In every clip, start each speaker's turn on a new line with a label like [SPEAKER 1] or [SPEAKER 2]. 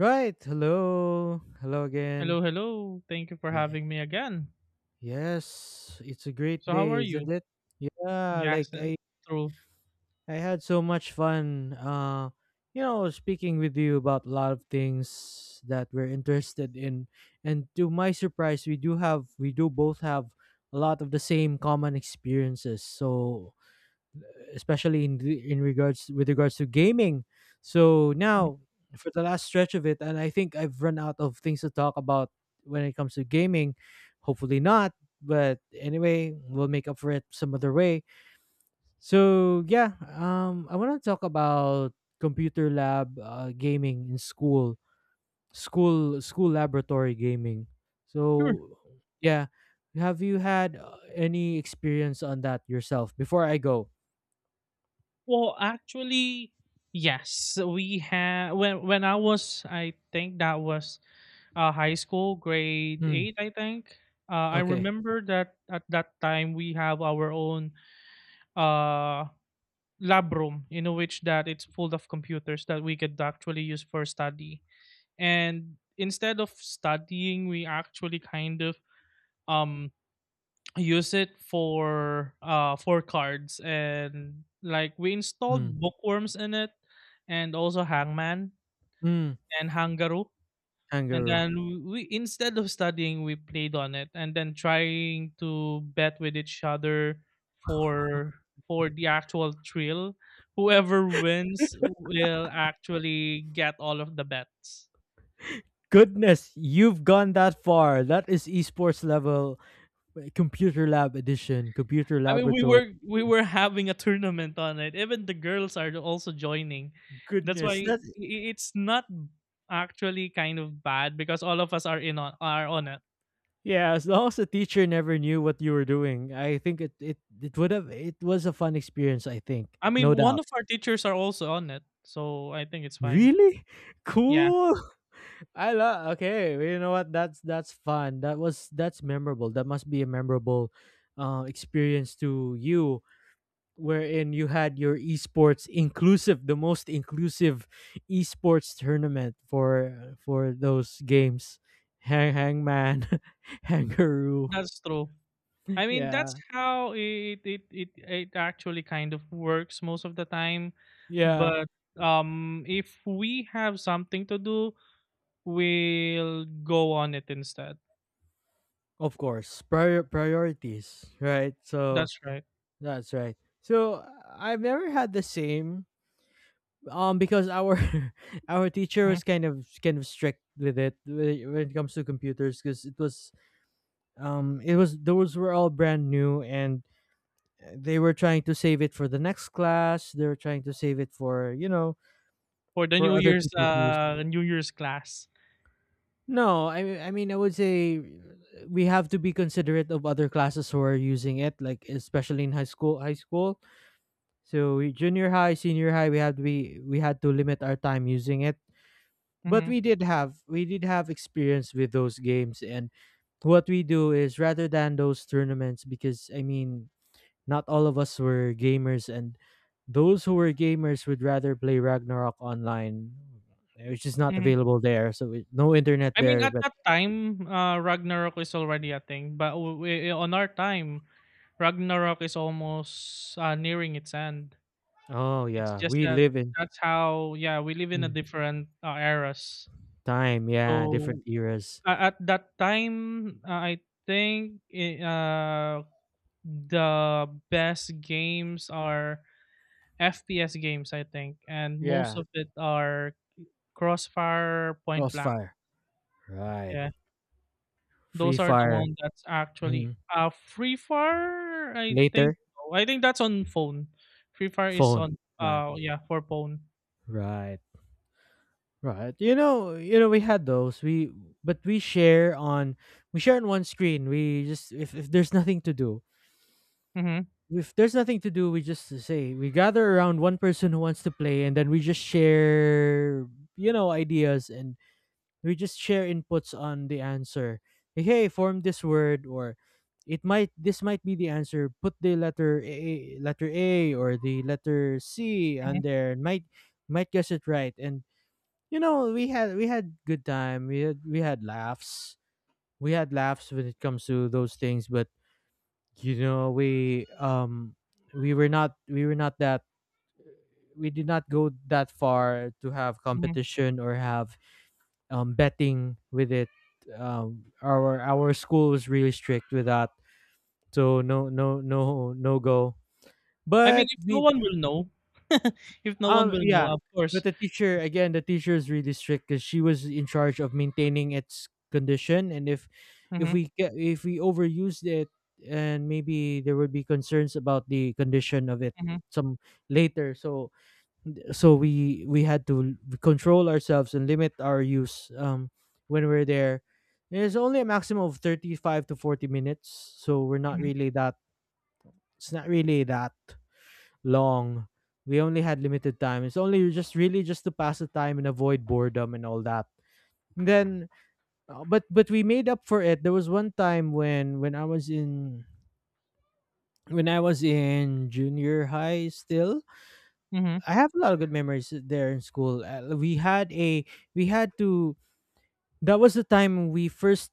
[SPEAKER 1] Right. Hello. Hello again.
[SPEAKER 2] Hello, hello. Thank you for
[SPEAKER 1] Yeah.
[SPEAKER 2] having me again.
[SPEAKER 1] Yes, it's a great
[SPEAKER 2] So, how
[SPEAKER 1] day,
[SPEAKER 2] are you?
[SPEAKER 1] isn't it? Yeah,
[SPEAKER 2] Yes,
[SPEAKER 1] like
[SPEAKER 2] uh,
[SPEAKER 1] I
[SPEAKER 2] True.
[SPEAKER 1] I had so much fun, speaking with you about a lot of things that we're interested in. And to my surprise, we do both have a lot of the same common experiences. So especially in the, in regards with regards to gaming. So now for the last stretch of it, and I think I've run out of things to talk about when it comes to gaming. Hopefully not, but anyway, we'll make up for it some other way. So yeah, I want to talk about computer lab gaming in school, school laboratory gaming.
[SPEAKER 2] Sure.
[SPEAKER 1] So yeah, have you had any experience on that yourself before I go?
[SPEAKER 2] Well, actually, yes. We had when I was, I think that was high school, grade
[SPEAKER 1] Mm,
[SPEAKER 2] eight. I think. I
[SPEAKER 1] okay.
[SPEAKER 2] remember that at that time we have our own uh, lab room in which that it's full of computers that we could actually use for study. And instead of studying, we actually kind of um use it for for cards, and like we
[SPEAKER 1] Hmm.
[SPEAKER 2] installed bookworms in it and also hangman
[SPEAKER 1] Mm,
[SPEAKER 2] and hangaru. And
[SPEAKER 1] kangaroo.
[SPEAKER 2] then we, instead of studying, we played on it and then trying to bet with each other for for the actual thrill. Whoever wins will actually get all of the bets.
[SPEAKER 1] Goodness, you've gone that far. That is esports level computer lab edition, computer
[SPEAKER 2] I mean, we
[SPEAKER 1] laboratory.
[SPEAKER 2] were we were having a tournament on it. Even the girls are also joining. That's
[SPEAKER 1] Goodness,
[SPEAKER 2] why
[SPEAKER 1] that
[SPEAKER 2] it's not actually kind of bad because all of us are in on are on it.
[SPEAKER 1] yeah. As long as the teacher never knew what you were doing, I think it it it would have it was a fun experience. I think,
[SPEAKER 2] I
[SPEAKER 1] no
[SPEAKER 2] mean, one
[SPEAKER 1] doubt.
[SPEAKER 2] of our teachers are also on it, so I think it's fine.
[SPEAKER 1] Really
[SPEAKER 2] Yeah,
[SPEAKER 1] cool. I love. Okay, well, you know what? That's fun. That's memorable. That must be a memorable experience to you wherein you had your the most inclusive esports tournament for those games. Hangman, Hangaroo.
[SPEAKER 2] that's true. I mean, that's
[SPEAKER 1] Yeah.
[SPEAKER 2] how it actually kind of works most of the time.
[SPEAKER 1] Yeah.
[SPEAKER 2] But if we have something to do, we'll go on it instead.
[SPEAKER 1] Of course. Priorities, right? So
[SPEAKER 2] That's right.
[SPEAKER 1] that's right. So I've never had the same, because our our teacher was kind of strict with it when it comes to computers because it was those were all brand new, and they were trying to save it for the next class. They were trying to save it for you know
[SPEAKER 2] For the
[SPEAKER 1] for
[SPEAKER 2] New
[SPEAKER 1] other
[SPEAKER 2] Year's,
[SPEAKER 1] people to use.
[SPEAKER 2] New Year's class.
[SPEAKER 1] No, I mean I would say, we have to be considerate of other classes who are using it, like especially in high school. So junior high, senior high, we had to limit our time using it. But
[SPEAKER 2] Mhm,
[SPEAKER 1] we did have experience with those games, and what we do is, rather than those tournaments, because I mean, not all of us were gamers, and those who were gamers would rather play Ragnarok online, which is not
[SPEAKER 2] mhm.
[SPEAKER 1] available there. So no internet
[SPEAKER 2] I mean,
[SPEAKER 1] there.
[SPEAKER 2] at
[SPEAKER 1] But
[SPEAKER 2] that time, Ragnarok is already a thing, but w we on our time, Ragnarok is almost, nearing its end.
[SPEAKER 1] oh
[SPEAKER 2] It's
[SPEAKER 1] yeah,
[SPEAKER 2] just
[SPEAKER 1] we
[SPEAKER 2] that
[SPEAKER 1] live in
[SPEAKER 2] that's how, yeah, we live in a
[SPEAKER 1] mm,
[SPEAKER 2] different, eras.
[SPEAKER 1] time. Yeah, different
[SPEAKER 2] So,
[SPEAKER 1] eras.
[SPEAKER 2] a at that time, I think I the best games are FPS games, I think, and most
[SPEAKER 1] Yeah,
[SPEAKER 2] of it are Crossfire, Point Blank,
[SPEAKER 1] Crossfire. Right.
[SPEAKER 2] yeah.
[SPEAKER 1] Free
[SPEAKER 2] Those are the
[SPEAKER 1] Fire.
[SPEAKER 2] one that's actually
[SPEAKER 1] Mm.
[SPEAKER 2] Free Fire, I think.
[SPEAKER 1] Later,
[SPEAKER 2] No, I think that's on phone. Free Fire is
[SPEAKER 1] phone.
[SPEAKER 2] on
[SPEAKER 1] Right.
[SPEAKER 2] yeah, for phone.
[SPEAKER 1] Right. Right. We had those. We But we share on one screen. We just If there's nothing to do,
[SPEAKER 2] Mhm.
[SPEAKER 1] we just say we gather around one person who wants to play, and then we just share ideas, and we just share inputs on the answer. Like, hey, form this word, or it might this might be the answer. Put the letter A, letter A, or the letter C on
[SPEAKER 2] Mhm.
[SPEAKER 1] there. Might guess it right, and we had good time. We had laughs. We had laughs when it comes to those things, but you know we um we were not that. We did not go that far to have
[SPEAKER 2] Mhm.
[SPEAKER 1] competition or have betting with it. Our school was really strict with that, so no, no, no, no go.
[SPEAKER 2] I mean,
[SPEAKER 1] But
[SPEAKER 2] if no
[SPEAKER 1] we...
[SPEAKER 2] one will know, if no one will know,
[SPEAKER 1] Yeah,
[SPEAKER 2] of
[SPEAKER 1] but
[SPEAKER 2] course.
[SPEAKER 1] the teacher, again, the teacher is really strict because she was in charge of maintaining its condition, and if
[SPEAKER 2] Mhm.
[SPEAKER 1] we get if we overused it, and maybe there would be concerns about the condition of it
[SPEAKER 2] Mhm.
[SPEAKER 1] some later. So we had to control ourselves and limit our use when we're there. There's only a maximum of 35 to 40 minutes, so we're not
[SPEAKER 2] Mhm.
[SPEAKER 1] really that. It's not really that long. We only had limited time. It's only just really just to pass the time and avoid boredom and all that. And then, but we made up for it. There was one time when I was in, junior high still.
[SPEAKER 2] Mhm.
[SPEAKER 1] I have a lot of good memories there in school. We had to. That was the time we first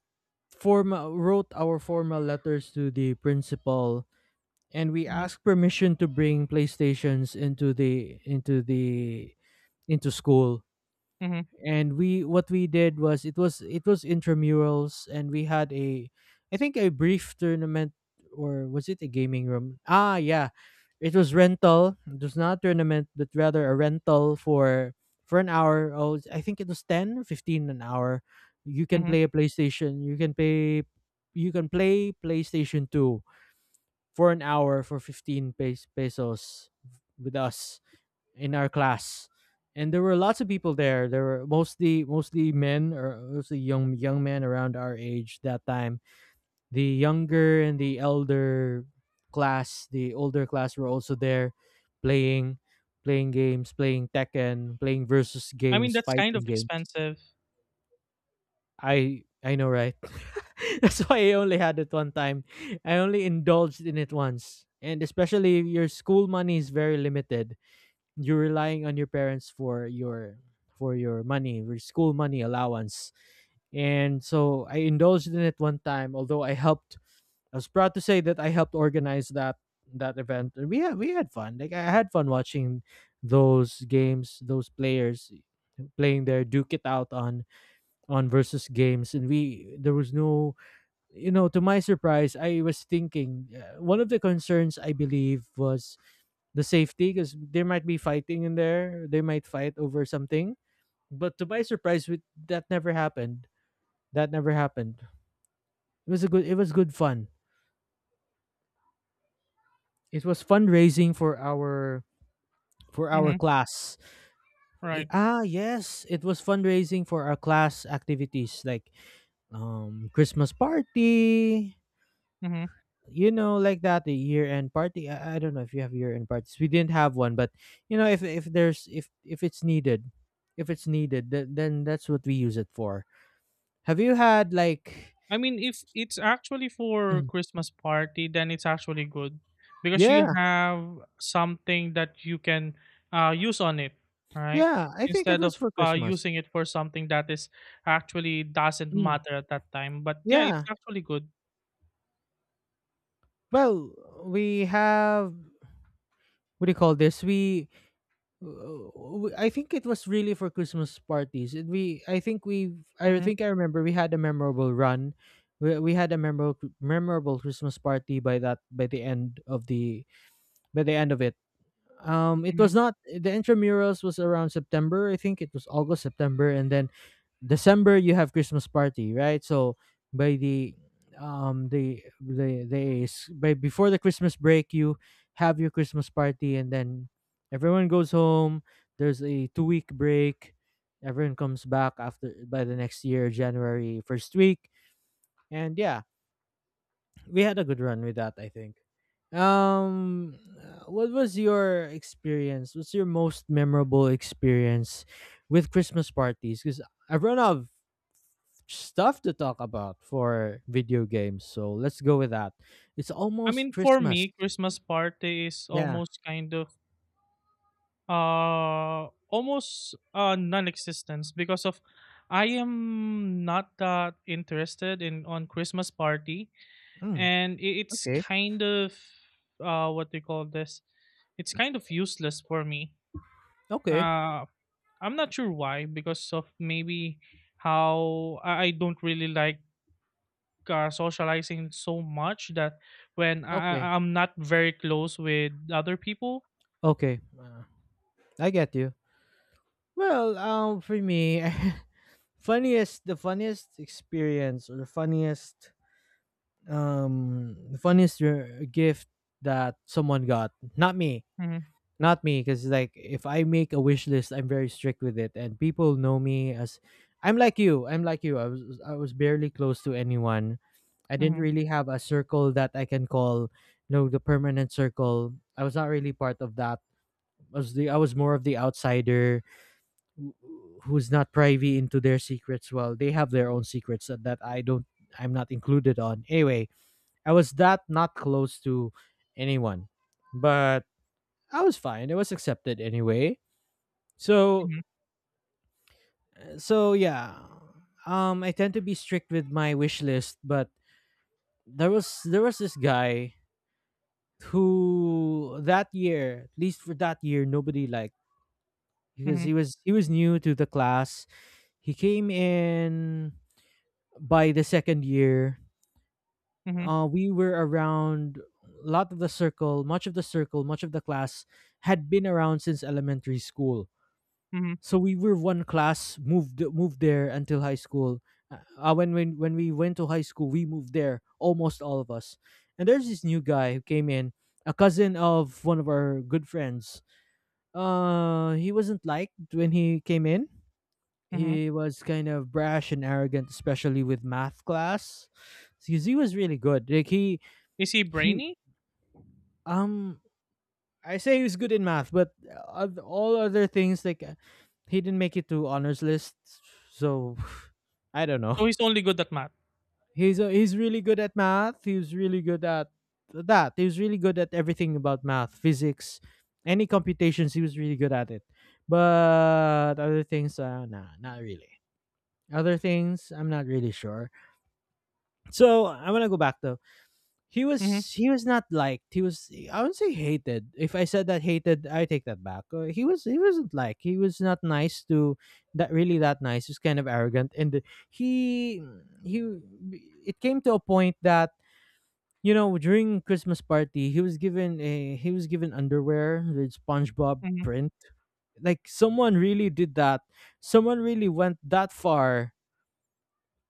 [SPEAKER 1] formal wrote our formal letters to the principal, and we
[SPEAKER 2] Mhm.
[SPEAKER 1] asked permission to bring PlayStations into school.
[SPEAKER 2] Mhm.
[SPEAKER 1] And we, what we did was, it was intramurals, and we had a, I think, a brief tournament. Or was it a gaming room? Ah, yeah, it was rental. It was not tournament but rather a rental for an hour. Oh, I think it was 10 or 15 an hour. You can
[SPEAKER 2] Mhm.
[SPEAKER 1] play a PlayStation, you can pay. You can play PlayStation 2 for an hour for 15 pesos with us in our class, and there were lots of people there. There were mostly men, or mostly young men around our age that time. The younger and the elder class, the older class were also there, playing playing games, playing Tekken, playing versus
[SPEAKER 2] I mean,
[SPEAKER 1] games,
[SPEAKER 2] that's kind
[SPEAKER 1] fighting
[SPEAKER 2] of
[SPEAKER 1] games.
[SPEAKER 2] expensive.
[SPEAKER 1] I know, right? That's why I only had it one time. I only indulged in it once. And especially if your school money is very limited, you're relying on your parents for your, money, your school money allowance. And so I indulged in it one time, although I was proud to say that I helped organize that event. And we had fun. Like, I had fun watching those games, those players playing their duke it out on versus games. And we there was no... To my surprise, I was thinking, one of the concerns I believe was the safety, because there might be fighting in there. They might fight over something. But to my surprise, with that never happened. That never happened. It was a good... It was good fun. It was fundraising for our
[SPEAKER 2] Mhm.
[SPEAKER 1] class. Eh,
[SPEAKER 2] Right.
[SPEAKER 1] ah, yes, it was fundraising for our class activities, like Christmas party.
[SPEAKER 2] Mhm.
[SPEAKER 1] You know, like that, the year end party. I don't know if you have year end parties. We didn't have one, but you know, if there's if it's needed, then that's what we use it for. Have you had, like...
[SPEAKER 2] I mean, if it's actually for
[SPEAKER 1] Mm.
[SPEAKER 2] Christmas party, then it's actually good, because you
[SPEAKER 1] Yeah,
[SPEAKER 2] have something that you can use on it, right?
[SPEAKER 1] yeah, I think it
[SPEAKER 2] Instead
[SPEAKER 1] was
[SPEAKER 2] of
[SPEAKER 1] for Christmas.
[SPEAKER 2] using it for something that is actually doesn't
[SPEAKER 1] Mm,
[SPEAKER 2] matter at that time. But yeah, it's
[SPEAKER 1] yeah,
[SPEAKER 2] actually good.
[SPEAKER 1] well, we have, what do you call this, we... Uh, I think it was really for Christmas parties. And we I
[SPEAKER 2] Hmm.
[SPEAKER 1] think I remember we had a memorable run. We had a memorable, memorable Christmas party by that by the end of it. It
[SPEAKER 2] Hmm.
[SPEAKER 1] was not The intramurals was around September. I think it was August, September, and then December you have Christmas party, right? So by the by before the Christmas break, you have your Christmas party, and then everyone goes home. There's a 2-week break. Everyone comes back after, by the next year, January 1st week. And yeah, we had a good run with that, I think. What was your experience? What's your most memorable experience with Christmas parties? Because I've run out of stuff to talk about for video games. So let's go with that. It's
[SPEAKER 2] I
[SPEAKER 1] almost
[SPEAKER 2] mean, for
[SPEAKER 1] Christmas.
[SPEAKER 2] me, Christmas party is
[SPEAKER 1] Yeah.
[SPEAKER 2] almost kind of almost non-existence, because of I am not that interested in on Christmas party,
[SPEAKER 1] Mm,
[SPEAKER 2] and it's
[SPEAKER 1] okay.
[SPEAKER 2] kind of what they call this, it's kind of useless for me.
[SPEAKER 1] Okay.
[SPEAKER 2] Uh i'm not sure why, because of maybe how I don't really like socializing so much, that when
[SPEAKER 1] Okay.
[SPEAKER 2] I'm not very close with other people.
[SPEAKER 1] Okay. I get you. Well, for me, funniest the funniest experience or the funniest gift that someone got, not me
[SPEAKER 2] Hmm.
[SPEAKER 1] not me, because like, if I make a wish list, I'm very strict with it, and people know me as... I'm like you. I'm like you. I was barely close to anyone. I didn't
[SPEAKER 2] Hmm.
[SPEAKER 1] really have a circle that I can call the permanent circle. I was not really part of that. I was more of the outsider, who- who's not privy into their secrets. Well, they have their own secrets that, that I don't, I'm not included on. Anyway, I was that not close to anyone. But I was fine. I was accepted anyway. So,
[SPEAKER 2] Hmm.
[SPEAKER 1] so yeah. I tend to be strict with my wish list, but there was this guy who, that year, at least for that year, nobody liked because
[SPEAKER 2] Hmm.
[SPEAKER 1] he was new to the class. He came in by the second year.
[SPEAKER 2] Hmm.
[SPEAKER 1] We were around a lot of the circle, much of the circle, much of the class had been around since elementary school,
[SPEAKER 2] Hmm.
[SPEAKER 1] so we were one class, moved there until high school. When we went to high school we moved there almost all of us, and there's this new guy who came in, a cousin of one of our good friends. He wasn't liked when he came in.
[SPEAKER 2] Hmm.
[SPEAKER 1] He was kind of brash and arrogant, especially with math class, because he was really good, like he
[SPEAKER 2] Is he
[SPEAKER 1] he
[SPEAKER 2] brainy?
[SPEAKER 1] um I say he was good in math, but all other things, he didn't make it to honors list, so I don't
[SPEAKER 2] So
[SPEAKER 1] know.
[SPEAKER 2] he's only good at math?
[SPEAKER 1] He's really good at math. He's really good at that. He was really good at everything about math, physics, any computations. He was really good at it. But other things, nah, not really. Other things, I'm not really sure. So I want to go back to. He was
[SPEAKER 2] Hmm.
[SPEAKER 1] he was not liked. He was, I wouldn't say hated. If I said that hated, I take that back. He wasn't like, he was not nice to that, really that nice. He was kind of arrogant, and he he it came to a point that, you know, during Christmas party he was given a he was given underwear with SpongeBob
[SPEAKER 2] Hmm.
[SPEAKER 1] print. Like someone really did that. Someone really went that far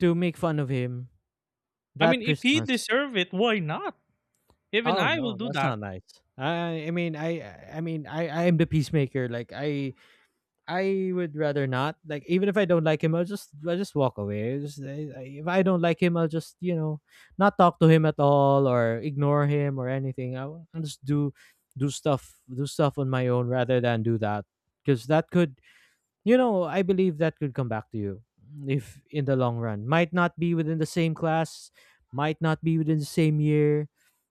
[SPEAKER 1] to make fun of him
[SPEAKER 2] I
[SPEAKER 1] that
[SPEAKER 2] mean, if he
[SPEAKER 1] Christmas.
[SPEAKER 2] deserve it, why not? Even
[SPEAKER 1] Oh,
[SPEAKER 2] I will
[SPEAKER 1] no,
[SPEAKER 2] do
[SPEAKER 1] that's
[SPEAKER 2] that.
[SPEAKER 1] not nice. I mean, I mean, I am the peacemaker. Like I would rather not. Like even if I don't like him, I'll just, I just walk away. I just, I, if I don't like him, I'll just, you know, not talk to him at all or ignore him or anything. I'll just do stuff on my own rather than do that, because that could, you know, I believe that could come back to you if, in the long run. Might not be within the same class, might not be within the same year,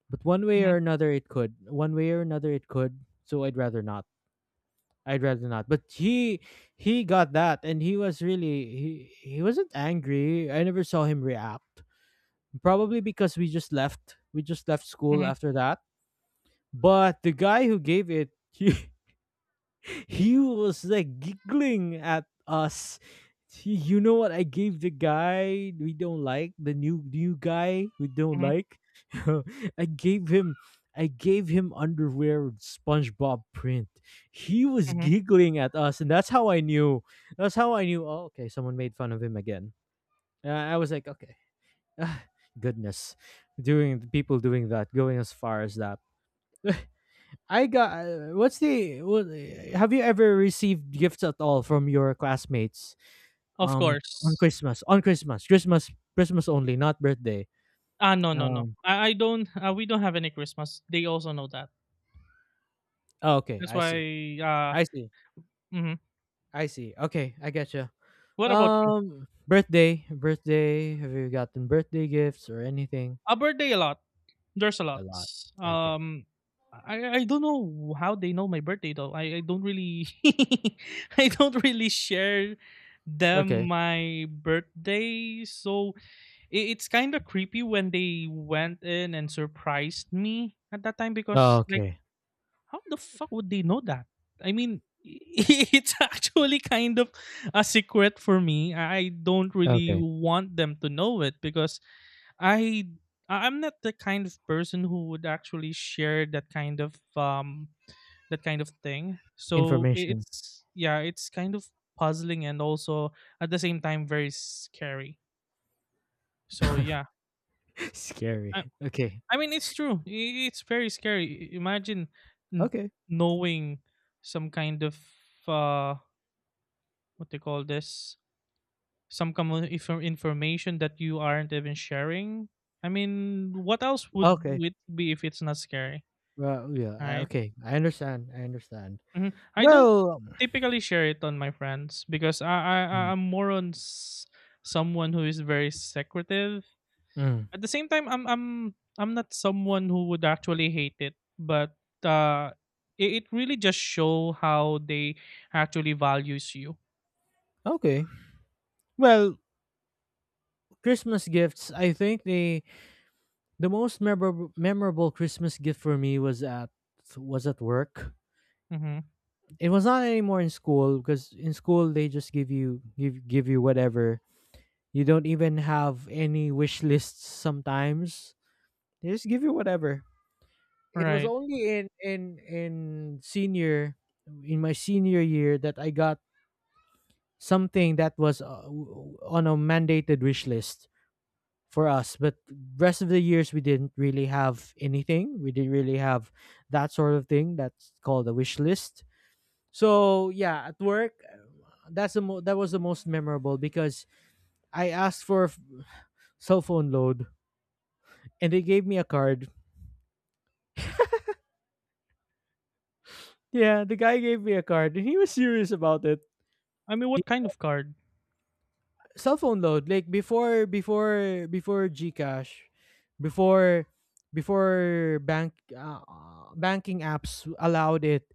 [SPEAKER 1] but one way or
[SPEAKER 2] Hmm.
[SPEAKER 1] another it could. One way or another it could. So I'd rather not. I'd rather not. But he got that, and he was really, he wasn't angry. I never saw him react. Probably because we just left. We just left school
[SPEAKER 2] Hmm.
[SPEAKER 1] after that. But the guy who gave it he was like giggling at us. You know what, I gave the guy we don't like, the new guy we don't like. I gave him I gave him underwear with SpongeBob print. He was
[SPEAKER 2] Hmm.
[SPEAKER 1] giggling at us, and that's how I knew. That's how I knew. Oh, okay, someone made fun of him again. I was like, okay, ah, goodness, doing people doing that, going as far as that. I got. What's the? What- Have you ever received gifts at all from your classmates?
[SPEAKER 2] Of course.
[SPEAKER 1] On Christmas, Christmas only, not birthday.
[SPEAKER 2] Ah, no, no, no.
[SPEAKER 1] Um.
[SPEAKER 2] I don't. We don't have any Christmas. They also know that.
[SPEAKER 1] Oh, okay,
[SPEAKER 2] That's
[SPEAKER 1] I see.
[SPEAKER 2] why.
[SPEAKER 1] I see.
[SPEAKER 2] Mhm.
[SPEAKER 1] I see. Okay, I get you.
[SPEAKER 2] What about you?
[SPEAKER 1] Birthday, have you gotten birthday gifts or anything?
[SPEAKER 2] A birthday a lot. There's a
[SPEAKER 1] A
[SPEAKER 2] lot.
[SPEAKER 1] lot. Okay.
[SPEAKER 2] Um, I don't know how they know my birthday though. I don't really. I don't really share
[SPEAKER 1] Okay.
[SPEAKER 2] them my birthday. So it's kind of creepy when they went in and surprised me at that time,
[SPEAKER 1] Oh,
[SPEAKER 2] because like,
[SPEAKER 1] okay.
[SPEAKER 2] how the fuck would they know that? I mean, it's actually kind of a secret for me. I don't really
[SPEAKER 1] Okay.
[SPEAKER 2] want them to know it, because I I'm not the kind of person who would actually share that kind of thing. So
[SPEAKER 1] Information.
[SPEAKER 2] it's, yeah, it's kind of puzzling and also at the same time very scary. So yeah,
[SPEAKER 1] Scary. Okay.
[SPEAKER 2] I mean, it's true. It's very scary. Imagine n-
[SPEAKER 1] Okay.
[SPEAKER 2] knowing some kind of uh, what they call this, some kind of information that you aren't even sharing. I mean, what else would
[SPEAKER 1] Okay.
[SPEAKER 2] it be if it's not scary,
[SPEAKER 1] Well, yeah.
[SPEAKER 2] right?
[SPEAKER 1] Okay. I understand. I understand.
[SPEAKER 2] Mhm. I don't
[SPEAKER 1] Well,
[SPEAKER 2] typically share it on my friends, because
[SPEAKER 1] mm,
[SPEAKER 2] I'm more on someone who is very secretive.
[SPEAKER 1] mm,
[SPEAKER 2] At the same time, I'm I'm not someone who would actually hate it, but uh, it, it really just show how they actually values you.
[SPEAKER 1] okay. Well, Christmas gifts. I think the most memorable Christmas gift for me was at work.
[SPEAKER 2] Mm-hmm.
[SPEAKER 1] It was not anymore in school, because in school they just give you, give you whatever. You don't even have any wish lists sometimes. They just give you whatever. It was
[SPEAKER 2] Right.
[SPEAKER 1] only in senior in my senior year that I got something that was on a mandated wish list for us. But rest of the years we didn't really have anything. We didn't really have that sort of thing. That's called a wish list. So yeah, at work, that was the most memorable because I asked for f- cell phone load, and they gave me a card. Yeah, the guy gave me a card and he was serious about it.
[SPEAKER 2] I mean,
[SPEAKER 1] He,
[SPEAKER 2] what kind of card?
[SPEAKER 1] cell phone load, like before Gcash, before before bank banking apps allowed it,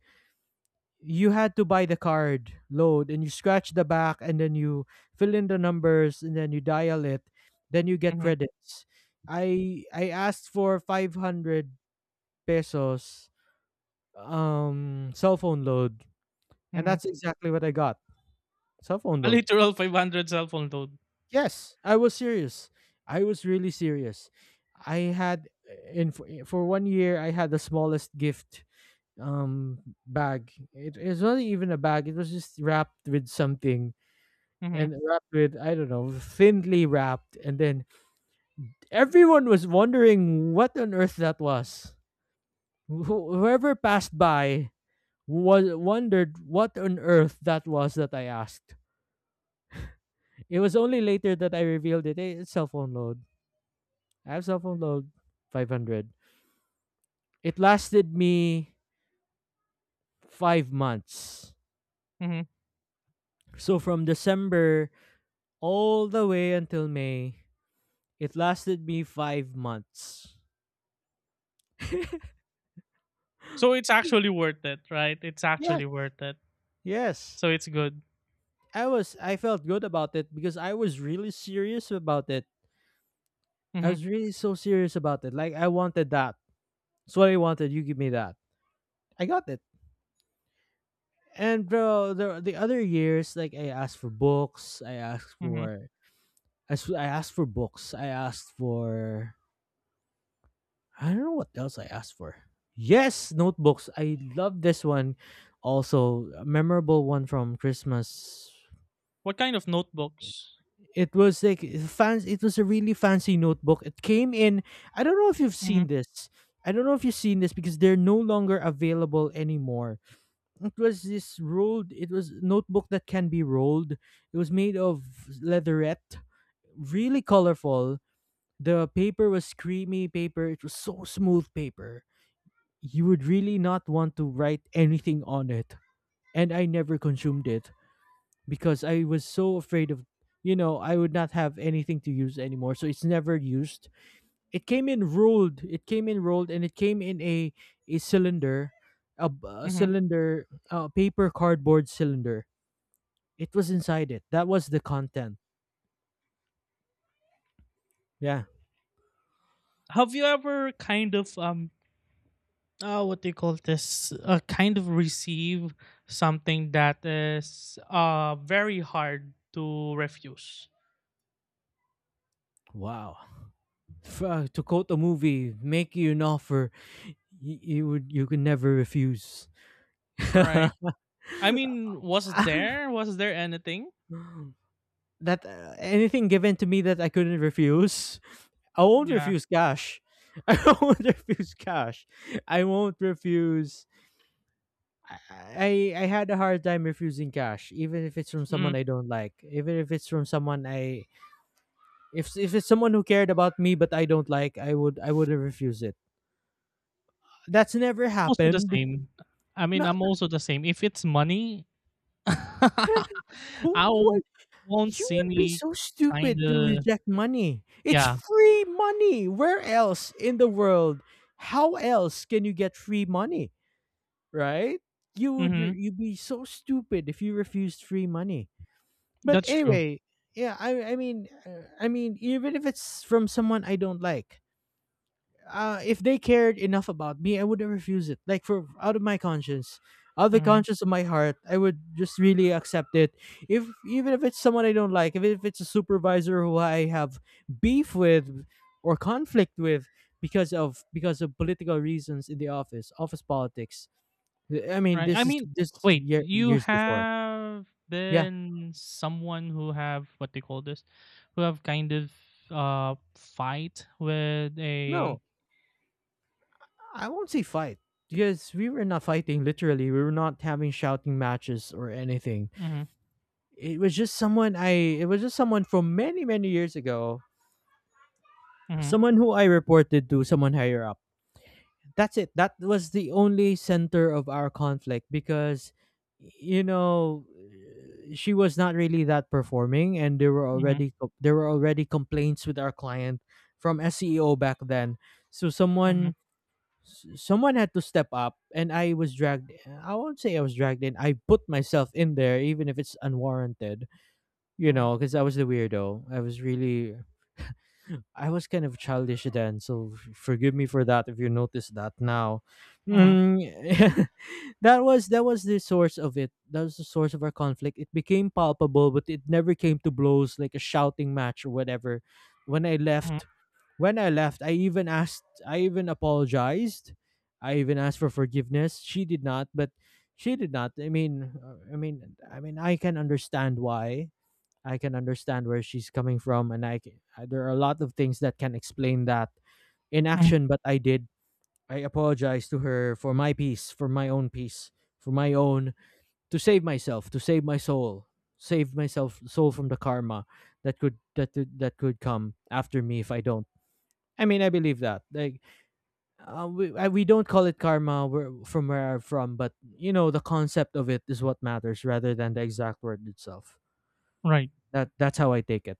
[SPEAKER 1] you had to buy the card load and you scratch the back, and then you fill in the numbers and then you dial it, then you get
[SPEAKER 2] Mm-hmm.
[SPEAKER 1] credits. I asked for 500 pesos cell phone load, and
[SPEAKER 2] Mm-hmm.
[SPEAKER 1] that's exactly what I got. Cell phone
[SPEAKER 2] A
[SPEAKER 1] load.
[SPEAKER 2] literal 500 cell phone load.
[SPEAKER 1] Yes, I was serious. I was really serious. I had in For 1 year I had the smallest gift, um bag. It was not even a bag, it was just wrapped with something,
[SPEAKER 2] Mm-hmm.
[SPEAKER 1] and wrapped with, I don't know, thinly wrapped, and then everyone was wondering what on earth that was. Whoever passed by was wondered what on earth that was that I asked. It was only later that I revealed it. "Hey, it's cell phone load. I have cell phone load 500. It lasted me 5 months.
[SPEAKER 2] Mm-hmm.
[SPEAKER 1] So from December all the way until May, it lasted me 5 months."
[SPEAKER 2] So it's actually worth it, right? It's
[SPEAKER 1] Yes.
[SPEAKER 2] actually worth it.
[SPEAKER 1] Yes.
[SPEAKER 2] So it's good.
[SPEAKER 1] I felt good about it because I was really serious about it. I
[SPEAKER 2] Hmm.
[SPEAKER 1] was really so serious about it. Like I wanted that. That's what I wanted. You give me that. I got it. And bro, the other years, like I asked for books.
[SPEAKER 2] Hmm.
[SPEAKER 1] I asked for books. I asked for I don't know what else I asked for. Yes, notebooks. I love this one. Also, a memorable one from Christmas.
[SPEAKER 2] What kind of notebooks?
[SPEAKER 1] It was like fancy. It was a really fancy notebook. It came in. I don't know if you've seen
[SPEAKER 2] Hmm.
[SPEAKER 1] this. I don't know if you've seen this, because they're no longer available anymore. It was this rolled. It was notebook that can be rolled. It was made of leatherette, really colorful. The paper was creamy paper. It was so smooth paper. You would really not want to write anything on it. And I never consumed it because I was so afraid of, you know, I would not have anything to use anymore. So it's never used. It came in rolled. It came in rolled, and it came in a cylinder, a
[SPEAKER 2] Hmm.
[SPEAKER 1] cylinder, a paper cardboard cylinder. It was inside it. That was the content. Yeah.
[SPEAKER 2] Have you ever kind of what do you call this? Kind of receive something that is very hard to refuse.
[SPEAKER 1] Wow. To quote a movie, make you an offer you would, you can never refuse.
[SPEAKER 2] Right. I mean, was there, was there anything?
[SPEAKER 1] that Anything given to me that I couldn't refuse, I won't
[SPEAKER 2] Yeah.
[SPEAKER 1] refuse cash. I won't refuse cash. I won't refuse. I had a hard time refusing cash, even if it's from
[SPEAKER 2] Mm.
[SPEAKER 1] someone I don't like, even if it's from someone I if it's someone who cared about me but I don't like, I wouldn't refuse it. That's never
[SPEAKER 2] I'm also the
[SPEAKER 1] happened.
[SPEAKER 2] same. I mean,
[SPEAKER 1] Not
[SPEAKER 2] I'm also the same. If it's money,
[SPEAKER 1] who
[SPEAKER 2] I won't
[SPEAKER 1] You
[SPEAKER 2] see
[SPEAKER 1] would be
[SPEAKER 2] me
[SPEAKER 1] so stupid to
[SPEAKER 2] kinda,
[SPEAKER 1] reject money. It's
[SPEAKER 2] yeah,
[SPEAKER 1] free money. Where else in the world? How else can you get free money? Right?
[SPEAKER 2] mhm,
[SPEAKER 1] You'd be so stupid if you refused free money. But
[SPEAKER 2] that's true,
[SPEAKER 1] anyway, yeah, I mean, I mean, even if it's from someone I don't like, if they cared enough about me, I would have refused it. Like, for out of my conscience, out of the
[SPEAKER 2] mhm,
[SPEAKER 1] conscience of my heart, I would just really accept it. If, even if it's someone I don't like, if it's a supervisor who I have beef with or conflict with because of, because of political reasons in the office, office politics. I mean,
[SPEAKER 2] right,
[SPEAKER 1] this
[SPEAKER 2] I
[SPEAKER 1] is
[SPEAKER 2] mean,
[SPEAKER 1] this
[SPEAKER 2] wait,
[SPEAKER 1] year,
[SPEAKER 2] you
[SPEAKER 1] years before.
[SPEAKER 2] have
[SPEAKER 1] Yeah,
[SPEAKER 2] been someone who have what they call this, who have kind of, fight with a
[SPEAKER 1] no, I won't say fight, because we were not fighting. Literally, we were not having shouting matches or anything.
[SPEAKER 2] mhm,
[SPEAKER 1] It was just someone from many, many years ago.
[SPEAKER 2] mhm,
[SPEAKER 1] Someone who I reported to, someone higher up. That's it. That was the only center of our conflict, because, you know, she was not really that performing, and there were
[SPEAKER 2] mhm,
[SPEAKER 1] already, there were already complaints with our client from SEO back then. So
[SPEAKER 2] mhm,
[SPEAKER 1] someone, someone had to step up, and I won't say I was dragged in. I put myself in there even if it's unwarranted, you
[SPEAKER 2] mhm,
[SPEAKER 1] know, because I was the weirdo. I was really, I was kind of childish then. So forgive me for that if you notice that now.
[SPEAKER 2] mhm,
[SPEAKER 1] Mm, that was, that was the source of it. That was the source of our conflict. It became palpable, but it never came to blows like a shouting match or whatever. When I
[SPEAKER 2] mhm,
[SPEAKER 1] left, when I left, I even asked, I even apologized. I even asked for forgiveness. She did not. I mean, I can understand why, I can understand where she's coming from, and I can, there are a lot of things that can explain that in
[SPEAKER 2] mhm,
[SPEAKER 1] action. But I did. I apologize to her for my peace, for my own peace, for my own, to save myself, to save my soul, save myself soul from the karma that could, that could come after me if I don't. I mean, I believe that. Like, we don't call it karma where, from where I'm from, but you know, the concept of it is what matters rather than the exact word itself.
[SPEAKER 2] right,
[SPEAKER 1] That's how I take it.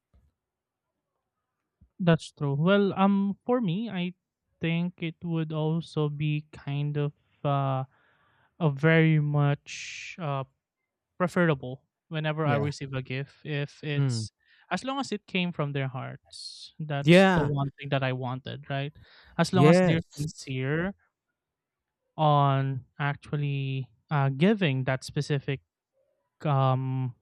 [SPEAKER 2] that's true. Well, for me, I think it would also be kind of, uh a very much preferable whenever I
[SPEAKER 1] Yeah.
[SPEAKER 2] receive a gift, if
[SPEAKER 1] Mm.
[SPEAKER 2] it's, as long as it came from their hearts. That's the
[SPEAKER 1] Yeah.
[SPEAKER 2] one thing that I wanted, right? As long as they're
[SPEAKER 1] Yes.
[SPEAKER 2] sincere on actually giving that specific um,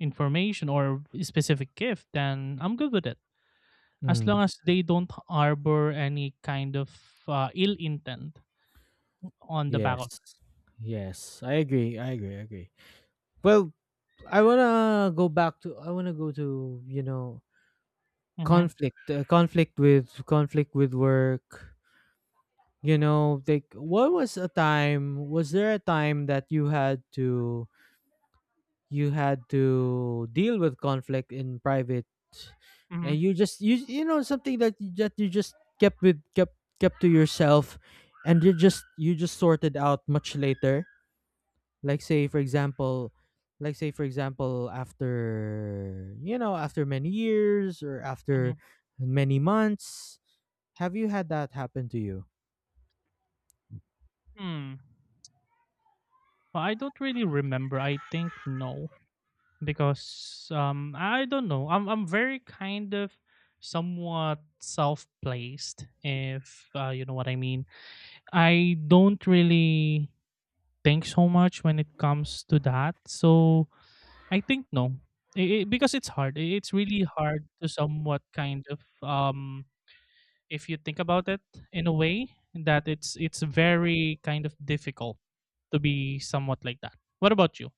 [SPEAKER 2] information or specific gift, then I'm good with it. As
[SPEAKER 1] Mm.
[SPEAKER 2] long as they don't harbor any kind of ill intent on the back of
[SPEAKER 1] Yes. Yes, I agree. I agree. I agree. Well, I wanna go back to. I wanna go to. You know,
[SPEAKER 2] it. Mm-hmm.
[SPEAKER 1] conflict. Conflict with work. You know, like what was a time? was there a time that you had to deal with conflict in private
[SPEAKER 2] Mm-hmm.
[SPEAKER 1] and you just you know something that you just kept kept to yourself and you just sorted out much later, like say for example, after you know, after many years or after
[SPEAKER 2] Mm-hmm.
[SPEAKER 1] many months, have you had that happen to you?
[SPEAKER 2] Hmm. Well, I don't really remember. I think no, because I don't know. I'm very kind of somewhat self-placed, if you know what I mean. I don't really think so much when it comes to that. So I think no, because it's hard. It's really hard to somewhat kind of if you think about it, in a way that it's very kind of difficult to be somewhat like that. What about you?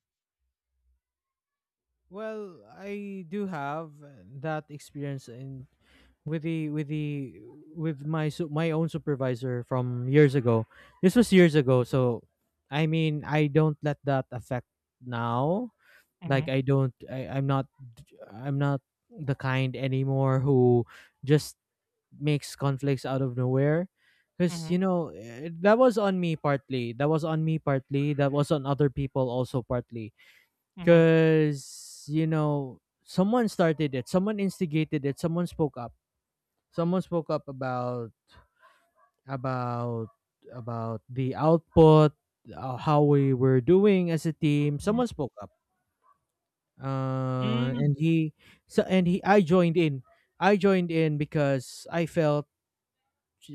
[SPEAKER 1] Well, I do have that experience in with the with the with my my own supervisor from years ago. This was years ago, so I mean, I don't let that affect now. Like
[SPEAKER 2] Mhm,
[SPEAKER 1] I'm not the kind anymore who just makes conflicts out of nowhere. Because
[SPEAKER 2] mhm,
[SPEAKER 1] you know, that was on me partly. That was on me partly. That was on other people also partly.
[SPEAKER 2] mhm,
[SPEAKER 1] Because you know, someone started it. Someone instigated it. Someone spoke up about about the output, how we were doing as a team.
[SPEAKER 2] mhm,
[SPEAKER 1] Someone spoke up,
[SPEAKER 2] mhm,
[SPEAKER 1] and he so and he I joined in because I felt,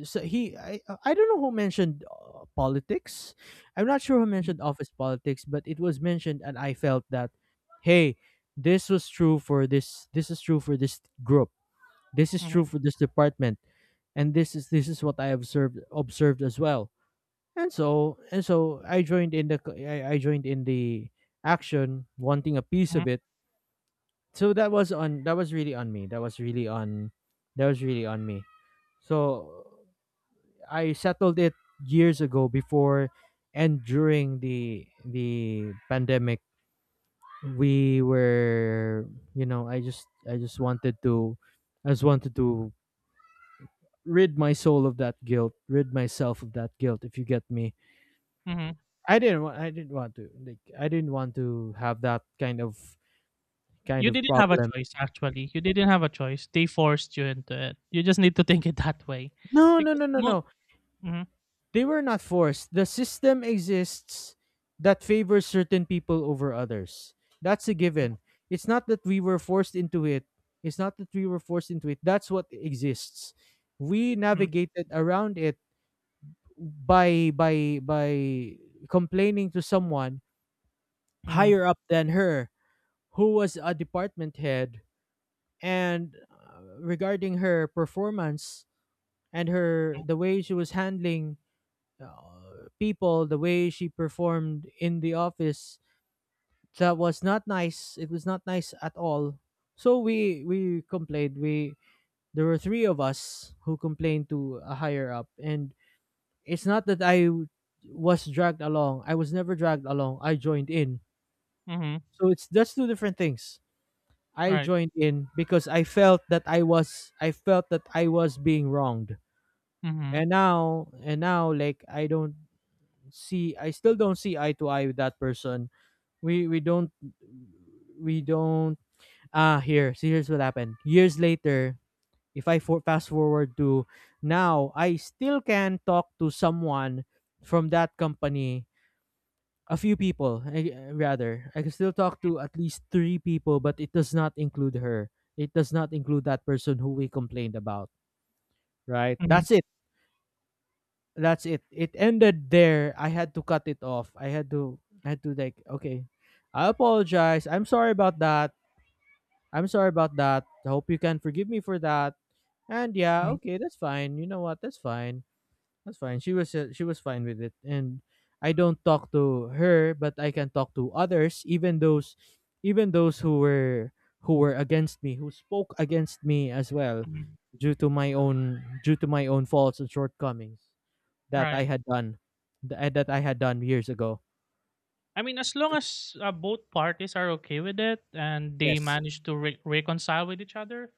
[SPEAKER 1] so he I don't know who mentioned politics. I'm not sure who
[SPEAKER 2] mhm,
[SPEAKER 1] mentioned office politics, but it was mentioned, and I felt that, hey, this is true for this group. This is true for this department, and this is what I observed as well. And so I joined in the I joined in the action, wanting a piece of
[SPEAKER 2] mhm,
[SPEAKER 1] it. So that was really on me. That was really on me. So I settled it years ago, before and during the pandemic. We were, you know, I just wanted to, I just wanted to rid my soul of that guilt, rid myself of that guilt, if you get me.
[SPEAKER 2] mhm.
[SPEAKER 1] I didn't want to. Like, I didn't want to have that kind
[SPEAKER 2] You
[SPEAKER 1] of
[SPEAKER 2] didn't have a
[SPEAKER 1] problem.
[SPEAKER 2] choice, actually. You didn't have a choice. They forced you into it. You just need to think it that way.
[SPEAKER 1] No, no,
[SPEAKER 2] Because
[SPEAKER 1] no, no,
[SPEAKER 2] mo
[SPEAKER 1] no.
[SPEAKER 2] mhm,
[SPEAKER 1] They were not forced. The system exists that favors certain people over others. That's a
[SPEAKER 2] mhm,
[SPEAKER 1] given. It's not that we were forced into it. It's not that we were forced into it. That's what exists. We navigated around it by complaining to someone
[SPEAKER 2] mhm,
[SPEAKER 1] higher up than her, who was a department head, and regarding her performance and her
[SPEAKER 2] mhm,
[SPEAKER 1] the way she was handling, people, the way she performed in the office. That was not nice. It was not nice at all. So we complained. We There were three of us who complained to a higher up, and it's not that was dragged along. I was never dragged along. I joined in.
[SPEAKER 2] mhm,
[SPEAKER 1] So it's That's two different things. I
[SPEAKER 2] right.
[SPEAKER 1] joined in because I felt that I was being wronged.
[SPEAKER 2] Mhm,
[SPEAKER 1] And now like I don't see I still don't see eye to eye with that person. We we don't we don't ah here, see, here's what happened. Years later, if fast forward to now, I still can talk to someone from that company. A few people, I, rather. I can still talk to at least three people, but it does not include her. It does not include that person who we complained about, right?
[SPEAKER 2] mhm,
[SPEAKER 1] That's it. That's it. It ended there. I had to cut it off. I had to like, okay, I apologize. I'm sorry about that. I'm sorry about that. I hope you can forgive me for that. And yeah,
[SPEAKER 2] mhm,
[SPEAKER 1] okay, that's fine. You know what? That's fine. That's fine. She was, she was fine with it, and I don't talk to her, but I can talk to others, even those who were, who were against me, who spoke against me as well,
[SPEAKER 2] mhm,
[SPEAKER 1] due to my own due to my own faults and shortcomings that I
[SPEAKER 2] right.
[SPEAKER 1] had done, that I had done years ago.
[SPEAKER 2] I mean, as long as, both parties are okay with it and they
[SPEAKER 1] Yes.
[SPEAKER 2] manage to re reconcile with each other,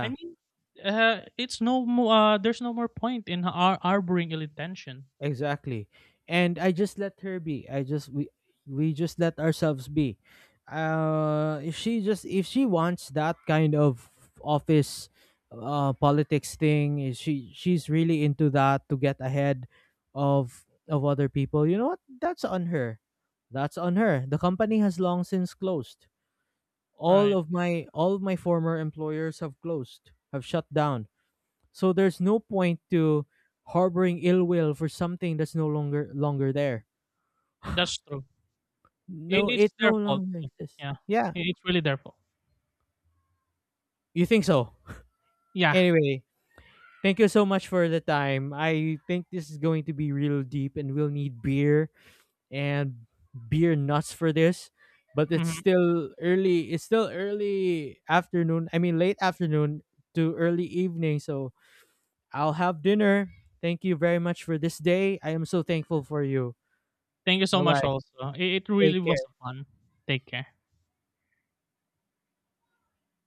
[SPEAKER 2] I mean, it's no more. There's no more point in harboring ill intention.
[SPEAKER 1] Exactly. And I just let her be. I just we just let ourselves be. If she wants that kind of office politics thing, if she, she's really into that to get ahead of other people, you know what? That's on her. That's on her. The company has long since closed.
[SPEAKER 2] Right.
[SPEAKER 1] All of my former employers have closed, have shut down, so there's no point to harboring ill will for something that's no longer there.
[SPEAKER 2] That's true. It,
[SPEAKER 1] No, it
[SPEAKER 2] it's
[SPEAKER 1] no
[SPEAKER 2] their fault.
[SPEAKER 1] longer
[SPEAKER 2] Too.
[SPEAKER 1] exists.
[SPEAKER 2] Yeah.
[SPEAKER 1] Yeah,
[SPEAKER 2] It, it's really their fault.
[SPEAKER 1] you think so?
[SPEAKER 2] Yeah.
[SPEAKER 1] Anyway, thank you so much for the time. I think this is going to be real deep, and we'll need beer and beer nuts for this. But it's
[SPEAKER 2] Hmm.
[SPEAKER 1] still early. It's still early afternoon. I mean, late afternoon to early evening. So I'll have dinner. Thank you very much for this day. I am so thankful for you.
[SPEAKER 2] Thank you so
[SPEAKER 1] Bye
[SPEAKER 2] much.
[SPEAKER 1] bye.
[SPEAKER 2] Also, it really
[SPEAKER 1] Take
[SPEAKER 2] was a
[SPEAKER 1] care.
[SPEAKER 2] fun. Take care.